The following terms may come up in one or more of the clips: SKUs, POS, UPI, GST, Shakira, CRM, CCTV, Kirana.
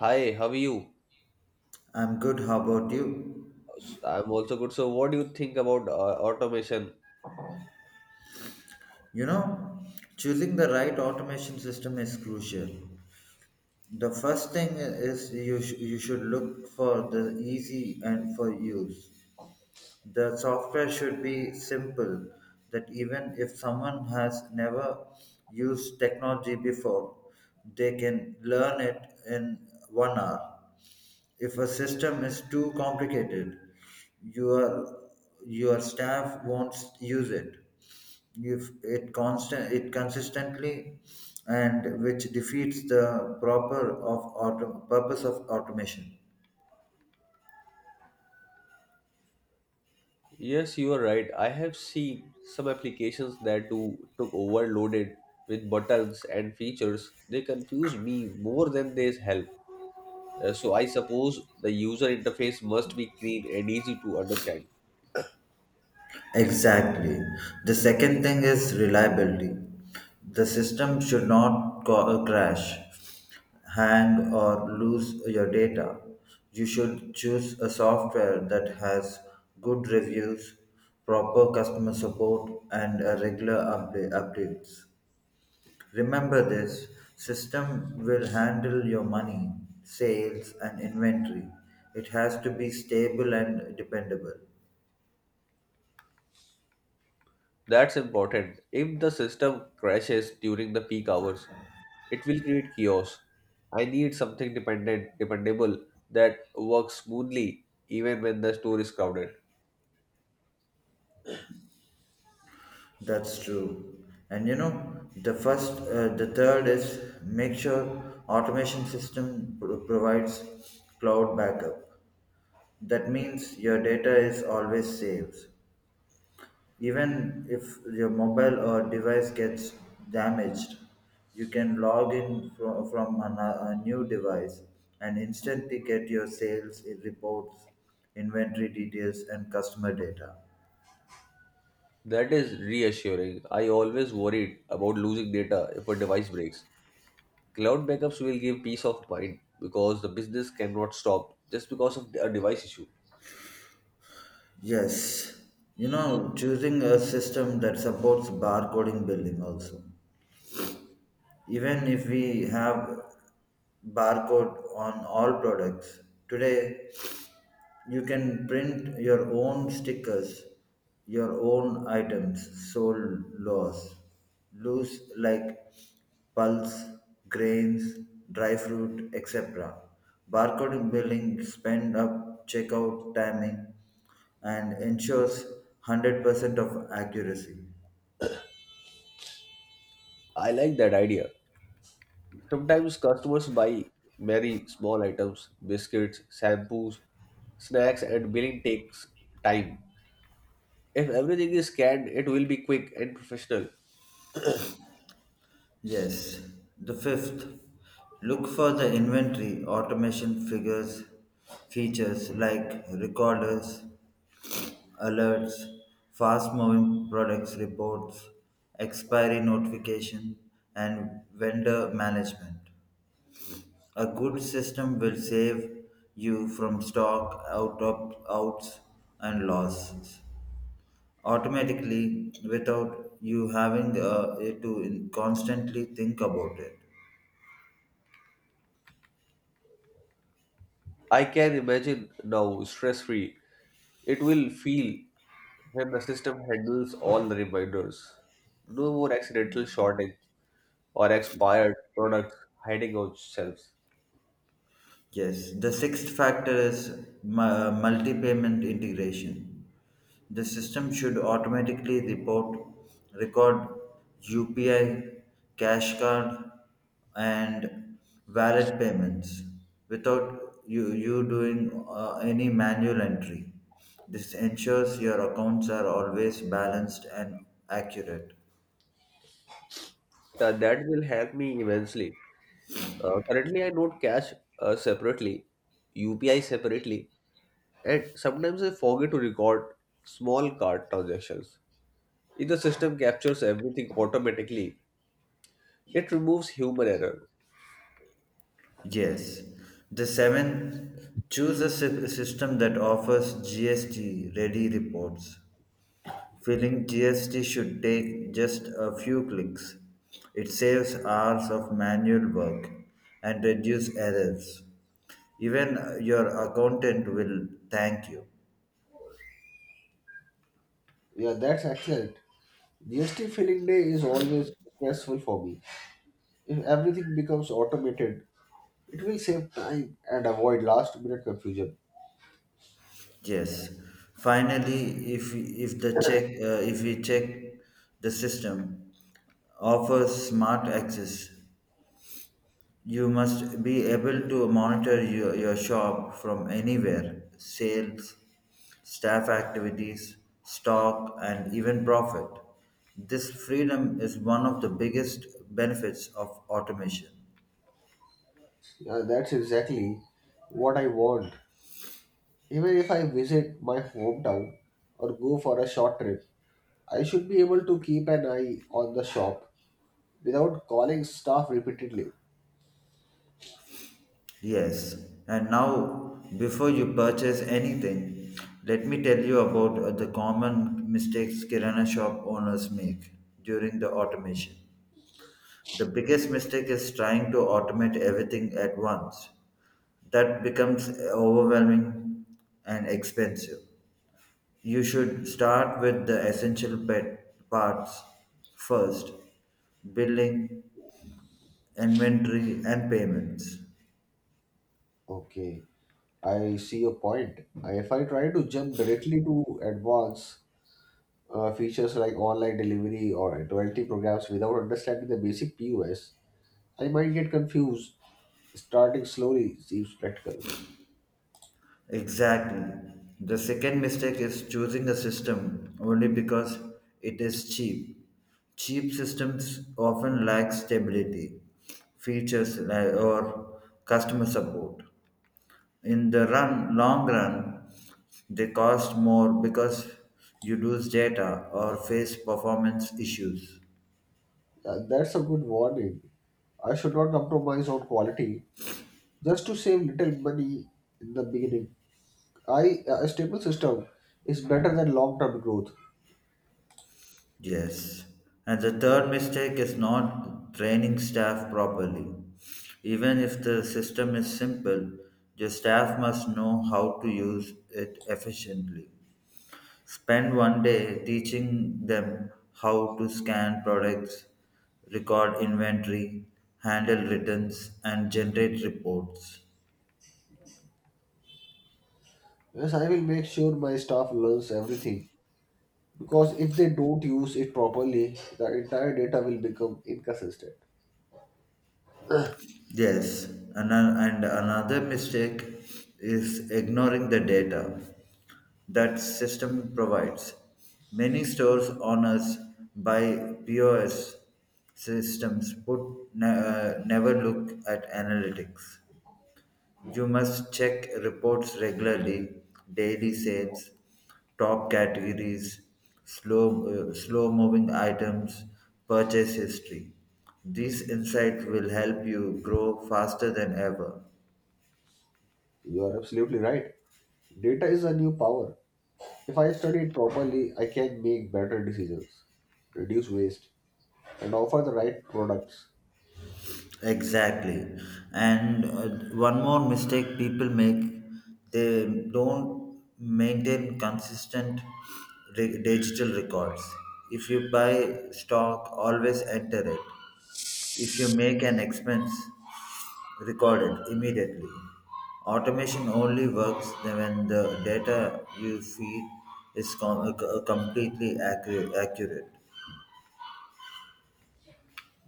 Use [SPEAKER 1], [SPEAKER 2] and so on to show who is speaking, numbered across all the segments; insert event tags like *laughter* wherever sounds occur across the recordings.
[SPEAKER 1] Hi, how are you?
[SPEAKER 2] I'm good. How about you?
[SPEAKER 1] I'm also good. So, what do you think about automation?
[SPEAKER 2] You know, choosing the right automation system is crucial. The first thing is you should look for the easy and for use. The software should be simple, that even if someone has never used technology before, they can learn it in 1 hour. If a system is too complicated, your your staff won't use it. If it constant it consistently, and which defeats the proper of purpose of automation.
[SPEAKER 1] Yes, you are right. I have seen some applications that do took overloaded with buttons and features. They confuse me more than they help. So, I suppose the user interface must be clean and easy to understand.
[SPEAKER 2] Exactly. The second thing is reliability. The system should not crash, hang, or lose your data. You should choose a software that has good reviews, proper customer support, and a regular updates. Remember, this system will handle your money, sales, and inventory. It has to be stable and dependable.
[SPEAKER 1] That's important. If the system crashes during the peak hours, it will create chaos. I need something dependable that works smoothly even when the store is crowded.
[SPEAKER 2] That's true. And you know, the third is make sure automation system provides cloud backup. That means your data is always saved. Even if your mobile or device gets damaged, you can log in a new device and instantly get your sales reports, inventory details, and customer data.
[SPEAKER 1] That is reassuring. I always worried about losing data if a device breaks. Cloud backups will give peace of mind because the business cannot stop just because of a device issue.
[SPEAKER 2] Yes, you know, choosing a system that supports barcoding billing also. Even if we have barcode on all products today, you can print your own stickers, your own items, sold loss, loose like pulse, grains, dry fruit, etc. Barcode billing spend up checkout timing and ensures 100% of accuracy.
[SPEAKER 1] I like that idea. Sometimes customers buy very small items, biscuits, shampoos, snacks, and billing takes time. If everything is scanned, it will be quick and professional.
[SPEAKER 2] Yes. The fifth, look for the inventory automation figures, features like recorders, alerts, fast moving products reports, expiry notification, and vendor management. A good system will save you from stock out of outs and losses automatically without you having to constantly think about it.
[SPEAKER 1] I can imagine now stress free. It will feel when the system handles all the reminders. No more accidental shortage or expired products hiding on shelves.
[SPEAKER 2] Yes, the sixth factor is multi payment integration. The system should automatically report, record UPI, cash card, and valid payments without you doing any manual entry. This ensures your accounts are always balanced and accurate.
[SPEAKER 1] That will help me immensely. Currently, I don't cash separately, UPI separately, and sometimes I forget to record small card transactions. If the system captures everything automatically, it removes human error.
[SPEAKER 2] Yes. The seventh, choose a system that offers GST ready reports. Filling GST should take just a few clicks. It saves hours of manual work and reduces errors. Even your accountant will thank you.
[SPEAKER 1] Yeah, right. GST always stressful for me because it it will. Yeah,
[SPEAKER 2] Yes. Finally, if the check if we check the system offers smart access. You must be able to monitor your shop from anywhere, sales, staff activities, stock, and even profit. This freedom is one of the biggest benefits of automation.
[SPEAKER 1] that's exactly what I want. Even if I visit my hometown or go for a short trip, I should be able to keep an eye on the shop without calling staff repeatedly.
[SPEAKER 2] Yes, and now before you purchase anything, let me tell you about the common mistakes Kirana shop owners make during the automation. The biggest mistake is trying to automate everything at once. That becomes overwhelming and expensive. You should start with the essential pet parts first, billing, inventory, and payments.
[SPEAKER 1] Okay, I see your point. If I try to jump directly to advance features like online delivery or loyalty programs without understanding the basic POS, I might get confused. Starting slowly seems practical.
[SPEAKER 2] Exactly. The second mistake is choosing a system only because it is cheap. Cheap systems often lack stability, features, or customer support. In the run long run they cost more because you lose data or face performance issues.
[SPEAKER 1] That's a good warning. I should not compromise on quality just to save little money in the beginning. I a stable system is better than long-term growth.
[SPEAKER 2] Yes, and the third mistake is not training staff properly. Even if the system is simple, your staff must know how to use it efficiently. Spend 1 day teaching them how to scan products, record inventory, handle returns, and generate reports.
[SPEAKER 1] Yes, I will make sure my staff learns everything because if they don't use it properly, the entire data will become inconsistent.
[SPEAKER 2] Yes, and another mistake is ignoring the data that system provides. Many stores honors by POS systems put never look at analytics. You must check reports regularly, daily sales, top categories, slow-moving items, purchase history. These insights will help you grow faster than ever.
[SPEAKER 1] You are absolutely right. Data is a new power. If I study it properly, I can make better decisions, reduce waste, and offer the right products.
[SPEAKER 2] Exactly. And one more mistake people make, they don't maintain consistent digital records. If you buy stock, always enter it. If you make an expense, record it immediately. Automation only works when the data you feed is completely accurate.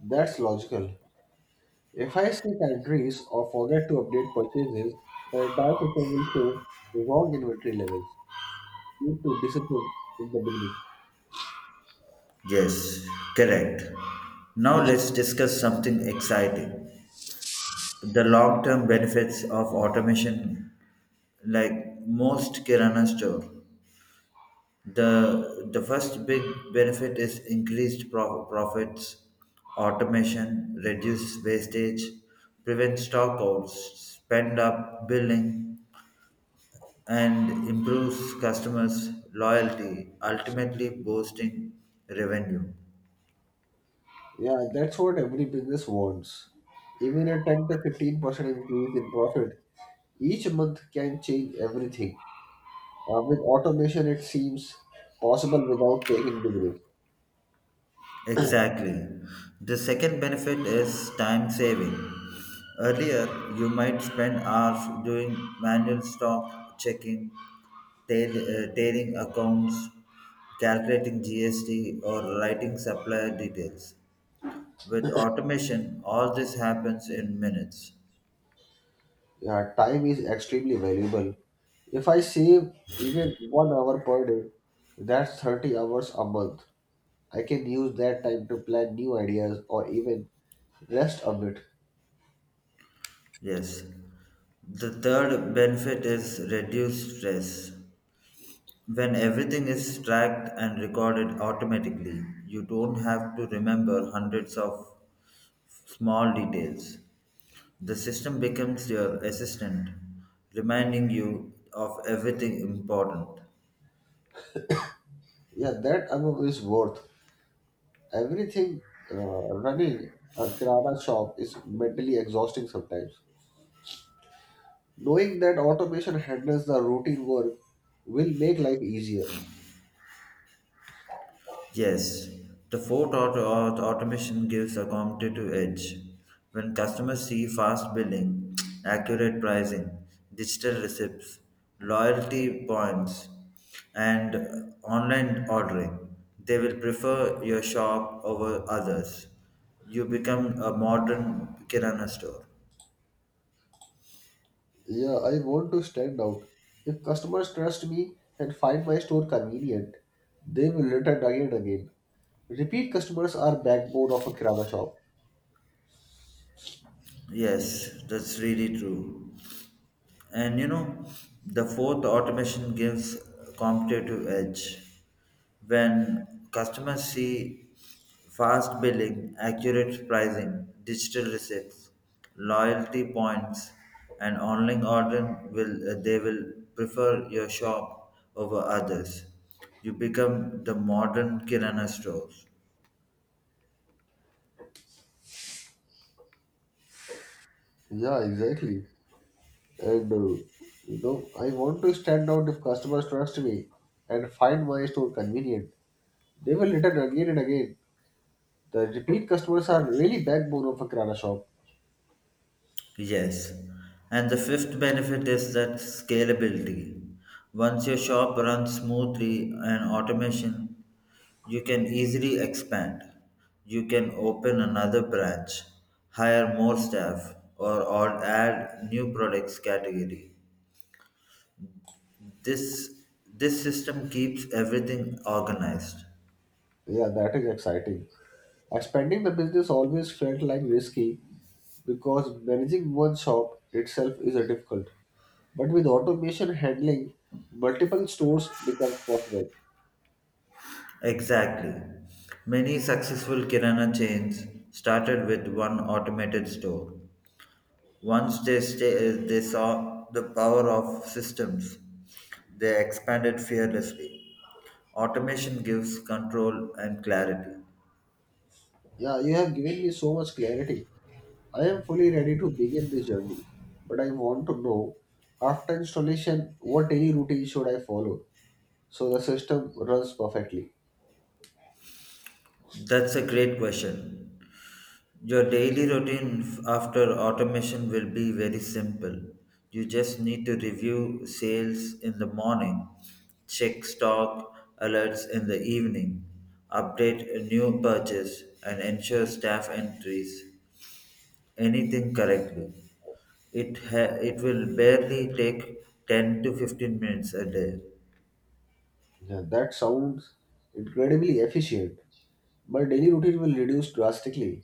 [SPEAKER 1] That's logical. If I see pantries or forget to update purchases, the entire system will show wrong inventory levels. Need to discipline in the beginning.
[SPEAKER 2] Yes, correct. Now let's discuss something exciting, the long term benefits of automation, like most Kirana store. The first big benefit is increased profits, automation, reduced wastage, prevents stockouts, spend up billing, and improves customers' loyalty, ultimately boosting revenue.
[SPEAKER 1] Yeah, that's what every business wants. Even a 10 to 15% increase in profit each month can change everything. With automation, it seems possible without taking the risk.
[SPEAKER 2] Exactly. The second benefit is time saving. Earlier, you might spend hours doing manual stock checking, tailing accounts, calculating GST, or writing supplier details. With automation, all this happens in minutes.
[SPEAKER 1] Yeah, time is extremely valuable. If I save even 1 hour per day, that's 30 hours a month. I can use that time to plan new ideas or even rest a bit.
[SPEAKER 2] Yes. The third benefit is reduced stress. When everything is tracked and recorded automatically, you don't have to remember hundreds of small details. The system becomes your assistant, reminding you of everything important.
[SPEAKER 1] Yeah, that amount is worth. Everything running a Kirana shop is mentally exhausting sometimes. Knowing that automation handles the routine work will make life easier.
[SPEAKER 2] Yes, the fourth, automation gives a competitive edge. When customers see fast billing, *tsk* accurate pricing, digital receipts, loyalty points, and online ordering, they will prefer your shop over others. You become a modern kirana store.
[SPEAKER 1] Yeah, I want to stand out. If customers trust me and find my store convenient, they will return again and again. Repeat customers are backbone of a kirana shop.
[SPEAKER 2] Yes, that's really true. And you know, the fourth, automation gives competitive edge. When customers see fast billing, accurate pricing, digital receipts, loyalty points, and online ordering, will they will prefer your shop over others. You become the modern Kirana store.
[SPEAKER 1] Yeah, exactly. And I want to stand out if customers trust me and find my store convenient. They will return again and again. The repeat customers are really backbone of a kirana shop.
[SPEAKER 2] Yes. And the fifth benefit is that scalability. Once your shop runs smoothly and automation, you can easily expand. You can open another branch, hire more staff, or add new products category. This this system keeps everything organized.
[SPEAKER 1] Yeah, that is exciting. Expanding the business always felt like risky because managing one shop itself is a difficult. But with automation handling, multiple stores becomes possible.
[SPEAKER 2] Exactly. Many successful kirana chains started with one automated store. Once they saw the power of systems, they expanded fearlessly. Automation gives control and clarity.
[SPEAKER 1] Yeah, you have given me so much clarity. I am fully ready to begin this journey. But I want to know, after installation, what daily routine should I follow so the system runs perfectly?
[SPEAKER 2] That's a great question. Your daily routine after automation will be very simple. You just need to review sales in the morning, check stock alerts in the evening, update a new purchase, and ensure staff entries anything correctly. It will barely take 10 to 15 minutes a day.
[SPEAKER 1] Yeah, that sounds incredibly efficient. My daily routine will reduce drastically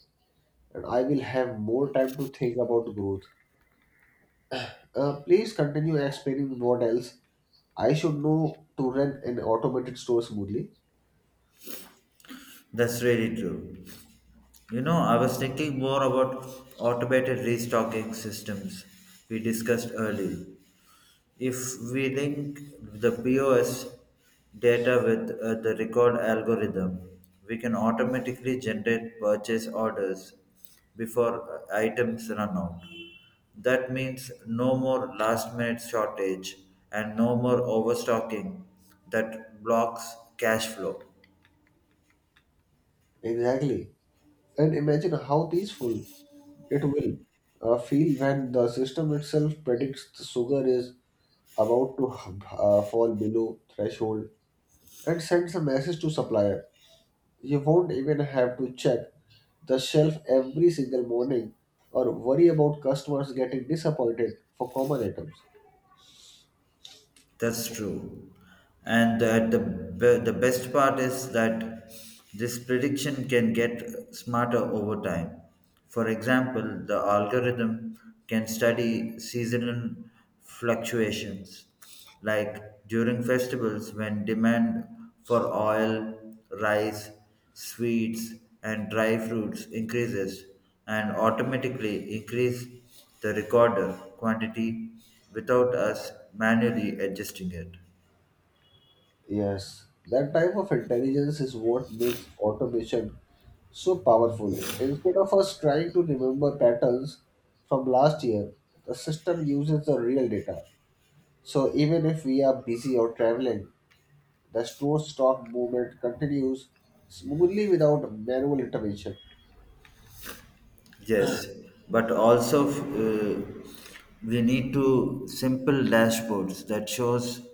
[SPEAKER 1] and I will have more time to think about growth. Please continue explaining what else I should know to run an automated store smoothly.
[SPEAKER 2] That's really true. You know, I was thinking more about automated restocking systems we discussed earlier. If we link the POS data with the record algorithm, we can automatically generate purchase orders before items run out. That means no more last minute shortage and no more overstocking that blocks cash flow.
[SPEAKER 1] Exactly. And imagine how peaceful it will feel when the system itself predicts the sugar is about to fall below threshold and sends a message to supplier. You won't even have to check the shelf every single morning or worry about customers getting disappointed for common items.
[SPEAKER 2] That's true. And that the best part is that this prediction can get smarter over time. For example, the algorithm can study seasonal fluctuations, like during festivals when demand for oil, rice, sweets, and dry fruits increases and automatically increase the recorder quantity without us manually adjusting it.
[SPEAKER 1] Yes, that type of intelligence is what makes automation so powerful. Instead of us trying to remember patterns from last year, the system uses the real data. So even if we are busy or traveling, the store stock movement continues smoothly without manual intervention.
[SPEAKER 2] Yes, but also uh, we need to simple dashboards that shows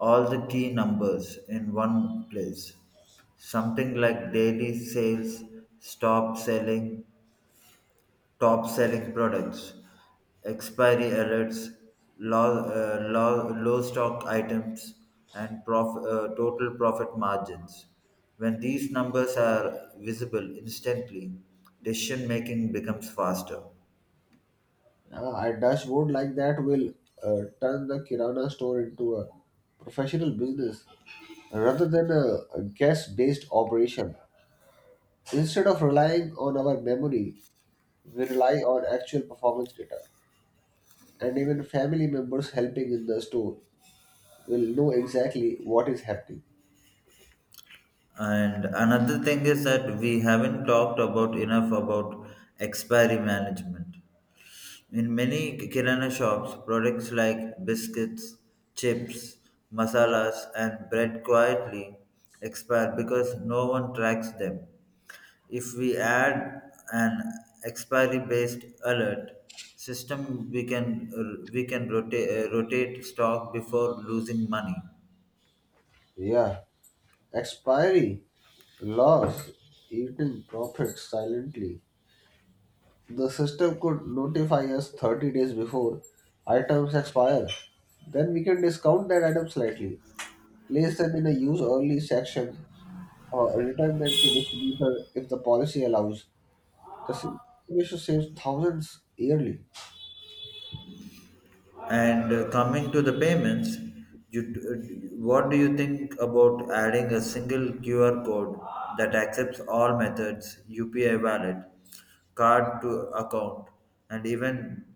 [SPEAKER 2] all the key numbers in one place. Something like daily sales, stop selling, top selling products, expiry alerts, low stock items, and total profit margins. When these numbers are visible instantly, decision making becomes faster.
[SPEAKER 1] A dashboard like that will turn the Kirana store into a professional business rather than a guest based operation. Instead of relying on our memory, we rely on actual performance data, and even family members helping in the store will know exactly what is happening.
[SPEAKER 2] And another thing is that we haven't talked about enough about expiry management. In many kirana shops, products like biscuits, chips, masalas, and bread quietly expire because no one tracks them. If we add an expiry-based alert system, we can rotate stock before losing money.
[SPEAKER 1] Yeah, expiry, loss, eating profits silently. The system could notify us 30 days before items expire. Then we can discount that item slightly, place them in a use early section, or return them to distributor if the policy allows. The simplification saves thousands yearly.
[SPEAKER 2] And coming to the payments, what do you think about adding a single QR code that accepts all methods, UPI wallet, card to account, and even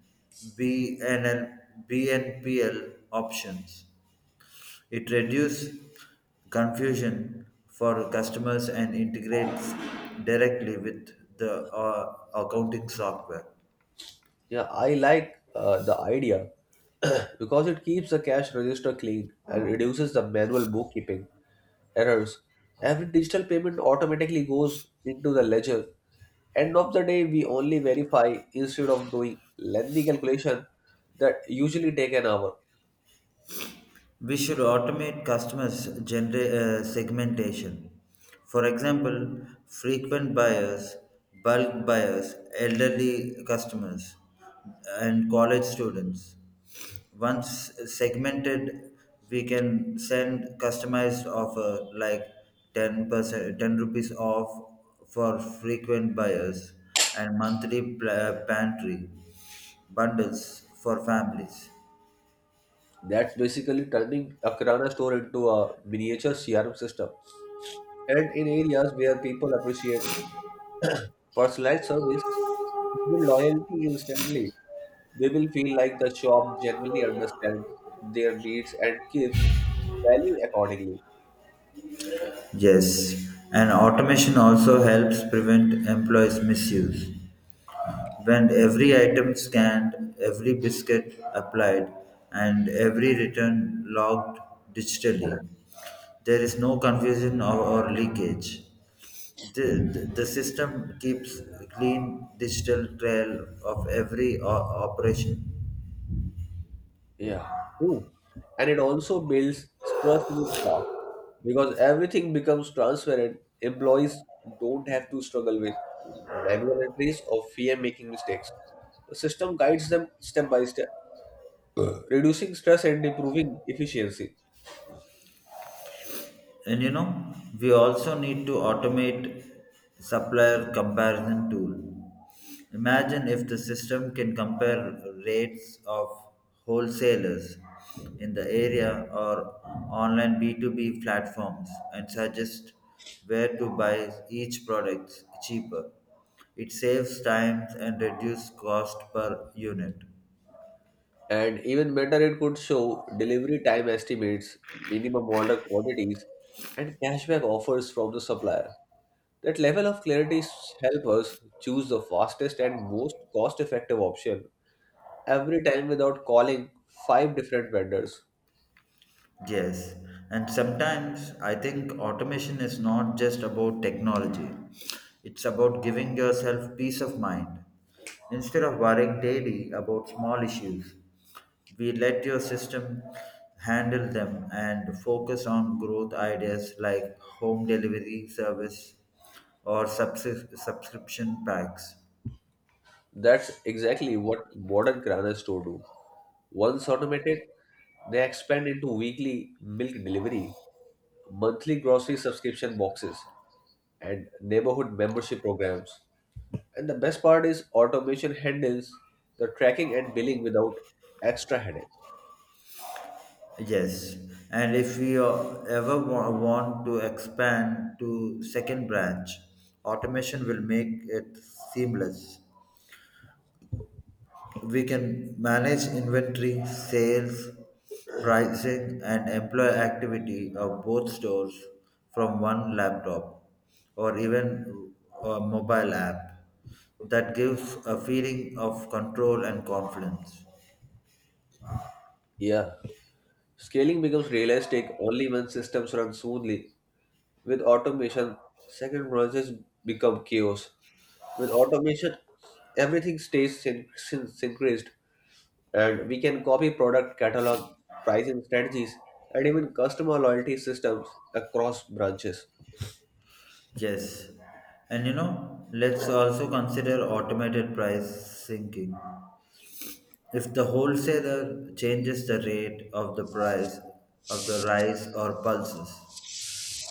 [SPEAKER 2] BNL, BNPL options? It reduces confusion for customers and integrates directly with the accounting software.
[SPEAKER 1] Yeah, I like the idea *clears throat* because it keeps the cash register clean and reduces the manual bookkeeping errors. Every digital payment automatically goes into the ledger. End of the day, we only verify instead of doing lengthy calculation that usually take an hour.
[SPEAKER 2] We should automate customers' segmentation. For example, frequent buyers, bulk buyers, elderly customers, and college students. Once segmented, we can send customized offer like 10%, 10 rupees off for frequent buyers and monthly pantry bundles for families.
[SPEAKER 1] That's basically turning a Kirana store into a miniature CRM system. And in areas where people appreciate personalized service build loyalty instantly. They will feel like the shop genuinely understands their needs and gives value accordingly.
[SPEAKER 2] Yes, and automation also helps prevent employees' misuse. When every item scanned, every biscuit applied, and every return logged digitally, there is no confusion or leakage. The system keeps a clean digital trail of every operation.
[SPEAKER 1] Yeah. True. And it also builds trust with staff because everything becomes transparent. Employees don't have to struggle with manual entries or fear making mistakes. The system guides them step by step, *clears throat* reducing stress and improving efficiency.
[SPEAKER 2] And you know, we also need to automate supplier comparison tool. Imagine if the system can compare rates of wholesalers in the area or online B2B platforms and suggest where to buy each product cheaper. It saves time and reduces cost per unit.
[SPEAKER 1] And even better, it could show delivery time estimates, minimum order quantities, and cashback offers from the supplier. That level of clarity help us choose the fastest and most cost-effective option every time without calling five different vendors.
[SPEAKER 2] Yes, and sometimes I think automation is not just about technology, it's about giving yourself peace of mind. Instead of worrying daily about small issues, we let your system handle them and focus on growth ideas like home delivery service or subscription packs.
[SPEAKER 1] That's exactly what modern granar store do. Once automated, they expand into weekly milk delivery, monthly grocery subscription boxes, and neighborhood membership programs. And the best part is automation handles the tracking and billing without extra headache.
[SPEAKER 2] Yes, and if we ever want to expand to second branch, automation will make it seamless. We can manage inventory, sales, pricing, and employee activity of both stores from one laptop or even a mobile app that gives a feeling of control and confidence.
[SPEAKER 1] Yeah. Scaling becomes realistic only when systems run smoothly. With automation, second branches become chaos. With automation, everything stays synchronized, and we can copy product catalog, pricing strategies, and even customer loyalty systems across branches.
[SPEAKER 2] Yes. And you know, let's also consider automated price sinking. If the wholesaler changes the rate of the price of the rice or pulses,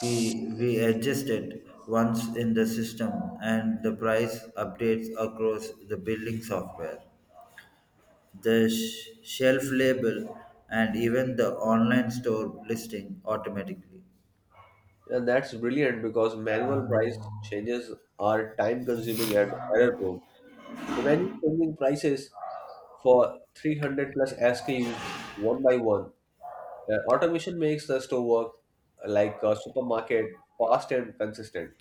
[SPEAKER 2] we adjust it once in the system and the price updates across the billing software. The shelf label and even the online store listing automatically.
[SPEAKER 1] And that's brilliant because manual price changes are time consuming and error prone. Imagine changing prices for 300 plus SKUs one by one. Automation makes the store work like a supermarket, fast and consistent.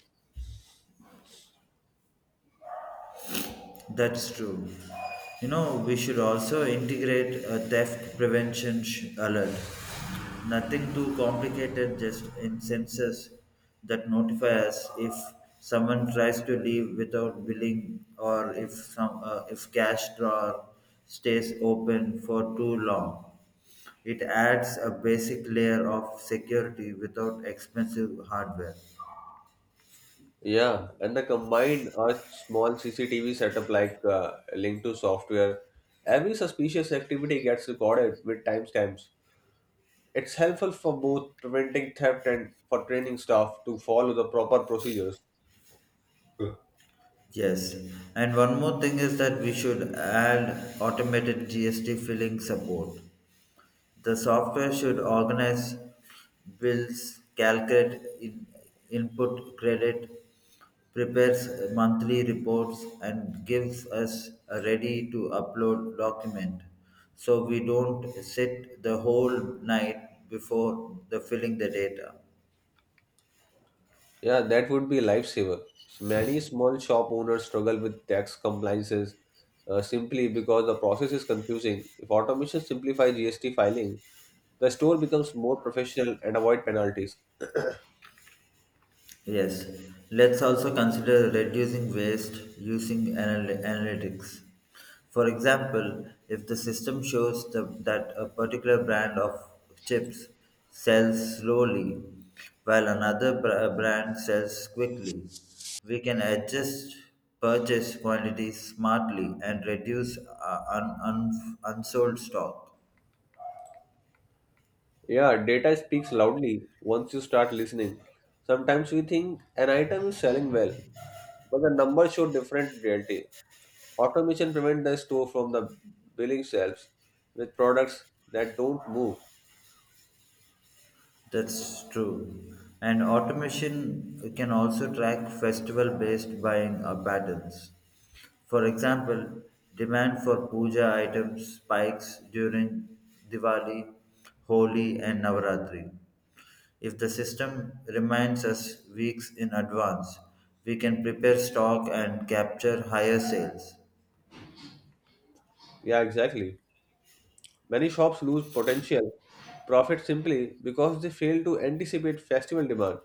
[SPEAKER 2] That's true. You know, we should also integrate a theft prevention alert. Nothing too complicated, just in sensors that notify us if someone tries to leave without billing or if cash drawer stays open for too long. It adds a basic layer of security without expensive hardware.
[SPEAKER 1] Yeah, and the combined a small CCTV setup like linked to software, every suspicious activity gets recorded with timestamps. It's helpful for both preventing theft and for training staff to follow the proper procedures.
[SPEAKER 2] Yes, and one more thing is that we should add automated GST filling support. The software should organize bills, calculate in, input credit, prepares monthly reports, and gives us a ready to upload document. So we don't sit the whole night before the filling the data.
[SPEAKER 1] Yeah, that would be a lifesaver. Many small shop owners struggle with tax compliances simply because the process is confusing. If automation simplifies GST filing, the store becomes more professional and avoid penalties.
[SPEAKER 2] Yes, let's also consider reducing waste using analytics. For example, if the system shows that a particular brand of chips sells slowly while another brand sells quickly, we can adjust purchase quantities smartly and reduce unsold stock.
[SPEAKER 1] Yeah, data speaks loudly once you start listening. Sometimes we think an item is selling well, but the numbers show different reality. Automation prevents the store from the billing shelves with products that don't move.
[SPEAKER 2] That's true. And automation can also track festival based buying patterns. For example, demand for puja items spikes during Diwali, Holi, and Navaratri. If the system reminds us weeks in advance, we can prepare stock and capture higher sales.
[SPEAKER 1] Yeah, exactly. Many shops lose potential profit simply because they fail to anticipate festival demand.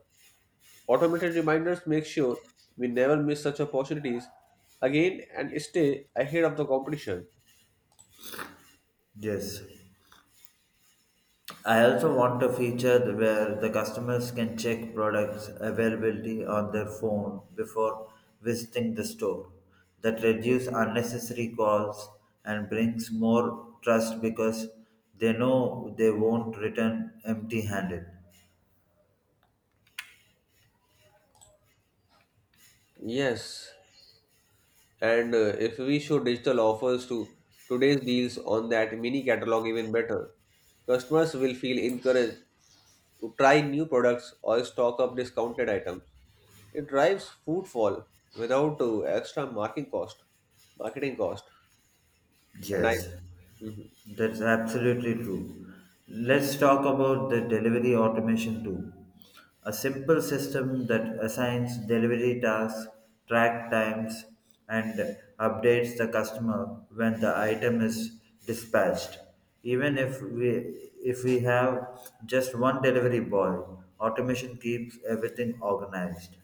[SPEAKER 1] Automated reminders make sure we never miss such opportunities again and stay ahead of the competition.
[SPEAKER 2] Yes, I also want a feature where the customers can check products availability on their phone before visiting the store. That reduces unnecessary calls and brings more trust because they know they won't return empty-handed.
[SPEAKER 1] Yes, and if we show digital offers to today's deals on that mini catalog even better, customers will feel encouraged to try new products or stock up discounted items. It drives footfall without extra marketing cost. Marketing cost. And I,
[SPEAKER 2] Yes,
[SPEAKER 1] mhm.
[SPEAKER 2] that's absolutely true. Let's talk about the delivery automation too. A simple system that assigns delivery tasks, track times, and updates the customer when the item is dispatched. Even if we have just one delivery boy, automation keeps everything organized.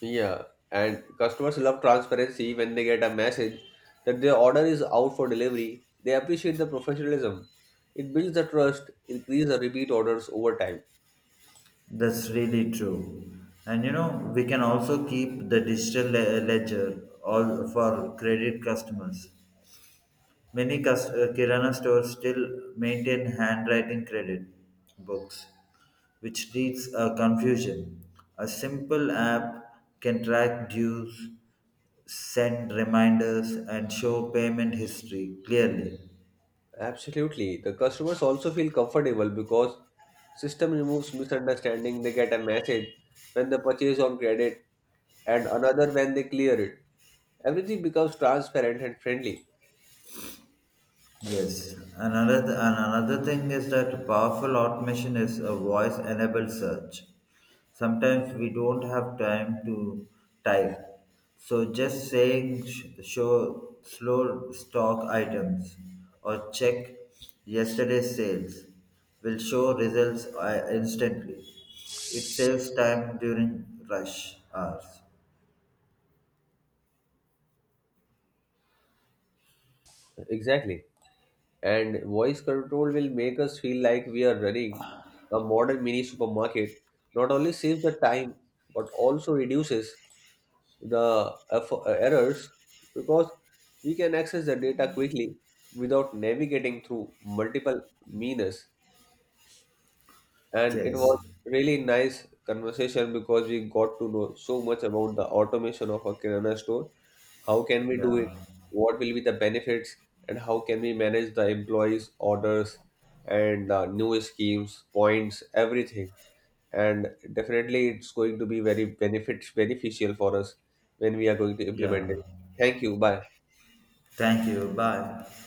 [SPEAKER 1] Yeah, and customers love transparency when they get a message that their order is out for delivery. They appreciate the professionalism. It builds the trust, increase the repeat orders over time.
[SPEAKER 2] That's really true. And you know, we can also keep the digital ledger all for credit customers. Many Kirana stores still maintain handwriting credit books, which leads a confusion. A simple app can track dues, send reminders, and show payment history clearly.
[SPEAKER 1] Absolutely. The customers also feel comfortable because system removes misunderstanding. They get a message when they purchase on credit and another when they clear it. Everything becomes transparent and friendly.
[SPEAKER 2] Yes, and another thing is that powerful automation is a voice-enabled search. Sometimes we don't have time to type, so just saying show slow stock items or check yesterday's sales will show results instantly. It saves time during rush hours.
[SPEAKER 1] Exactly. And voice control will make us feel like we are running a modern mini supermarket. Not only saves the time, but also reduces the errors because we can access the data quickly without navigating through multiple menus. And it was
[SPEAKER 2] Yes.
[SPEAKER 1] really nice conversation because we got to know so much about the automation of a kirana store, how can we do it,
[SPEAKER 2] Yeah.
[SPEAKER 1] what will be the benefits, and how can we manage the employees orders, and new schemes points everything, and definitely it's going to be very benefit beneficial for us when we are going to implement
[SPEAKER 2] Yeah.
[SPEAKER 1] it. Thank you, bye.
[SPEAKER 2] Thank you. Bye.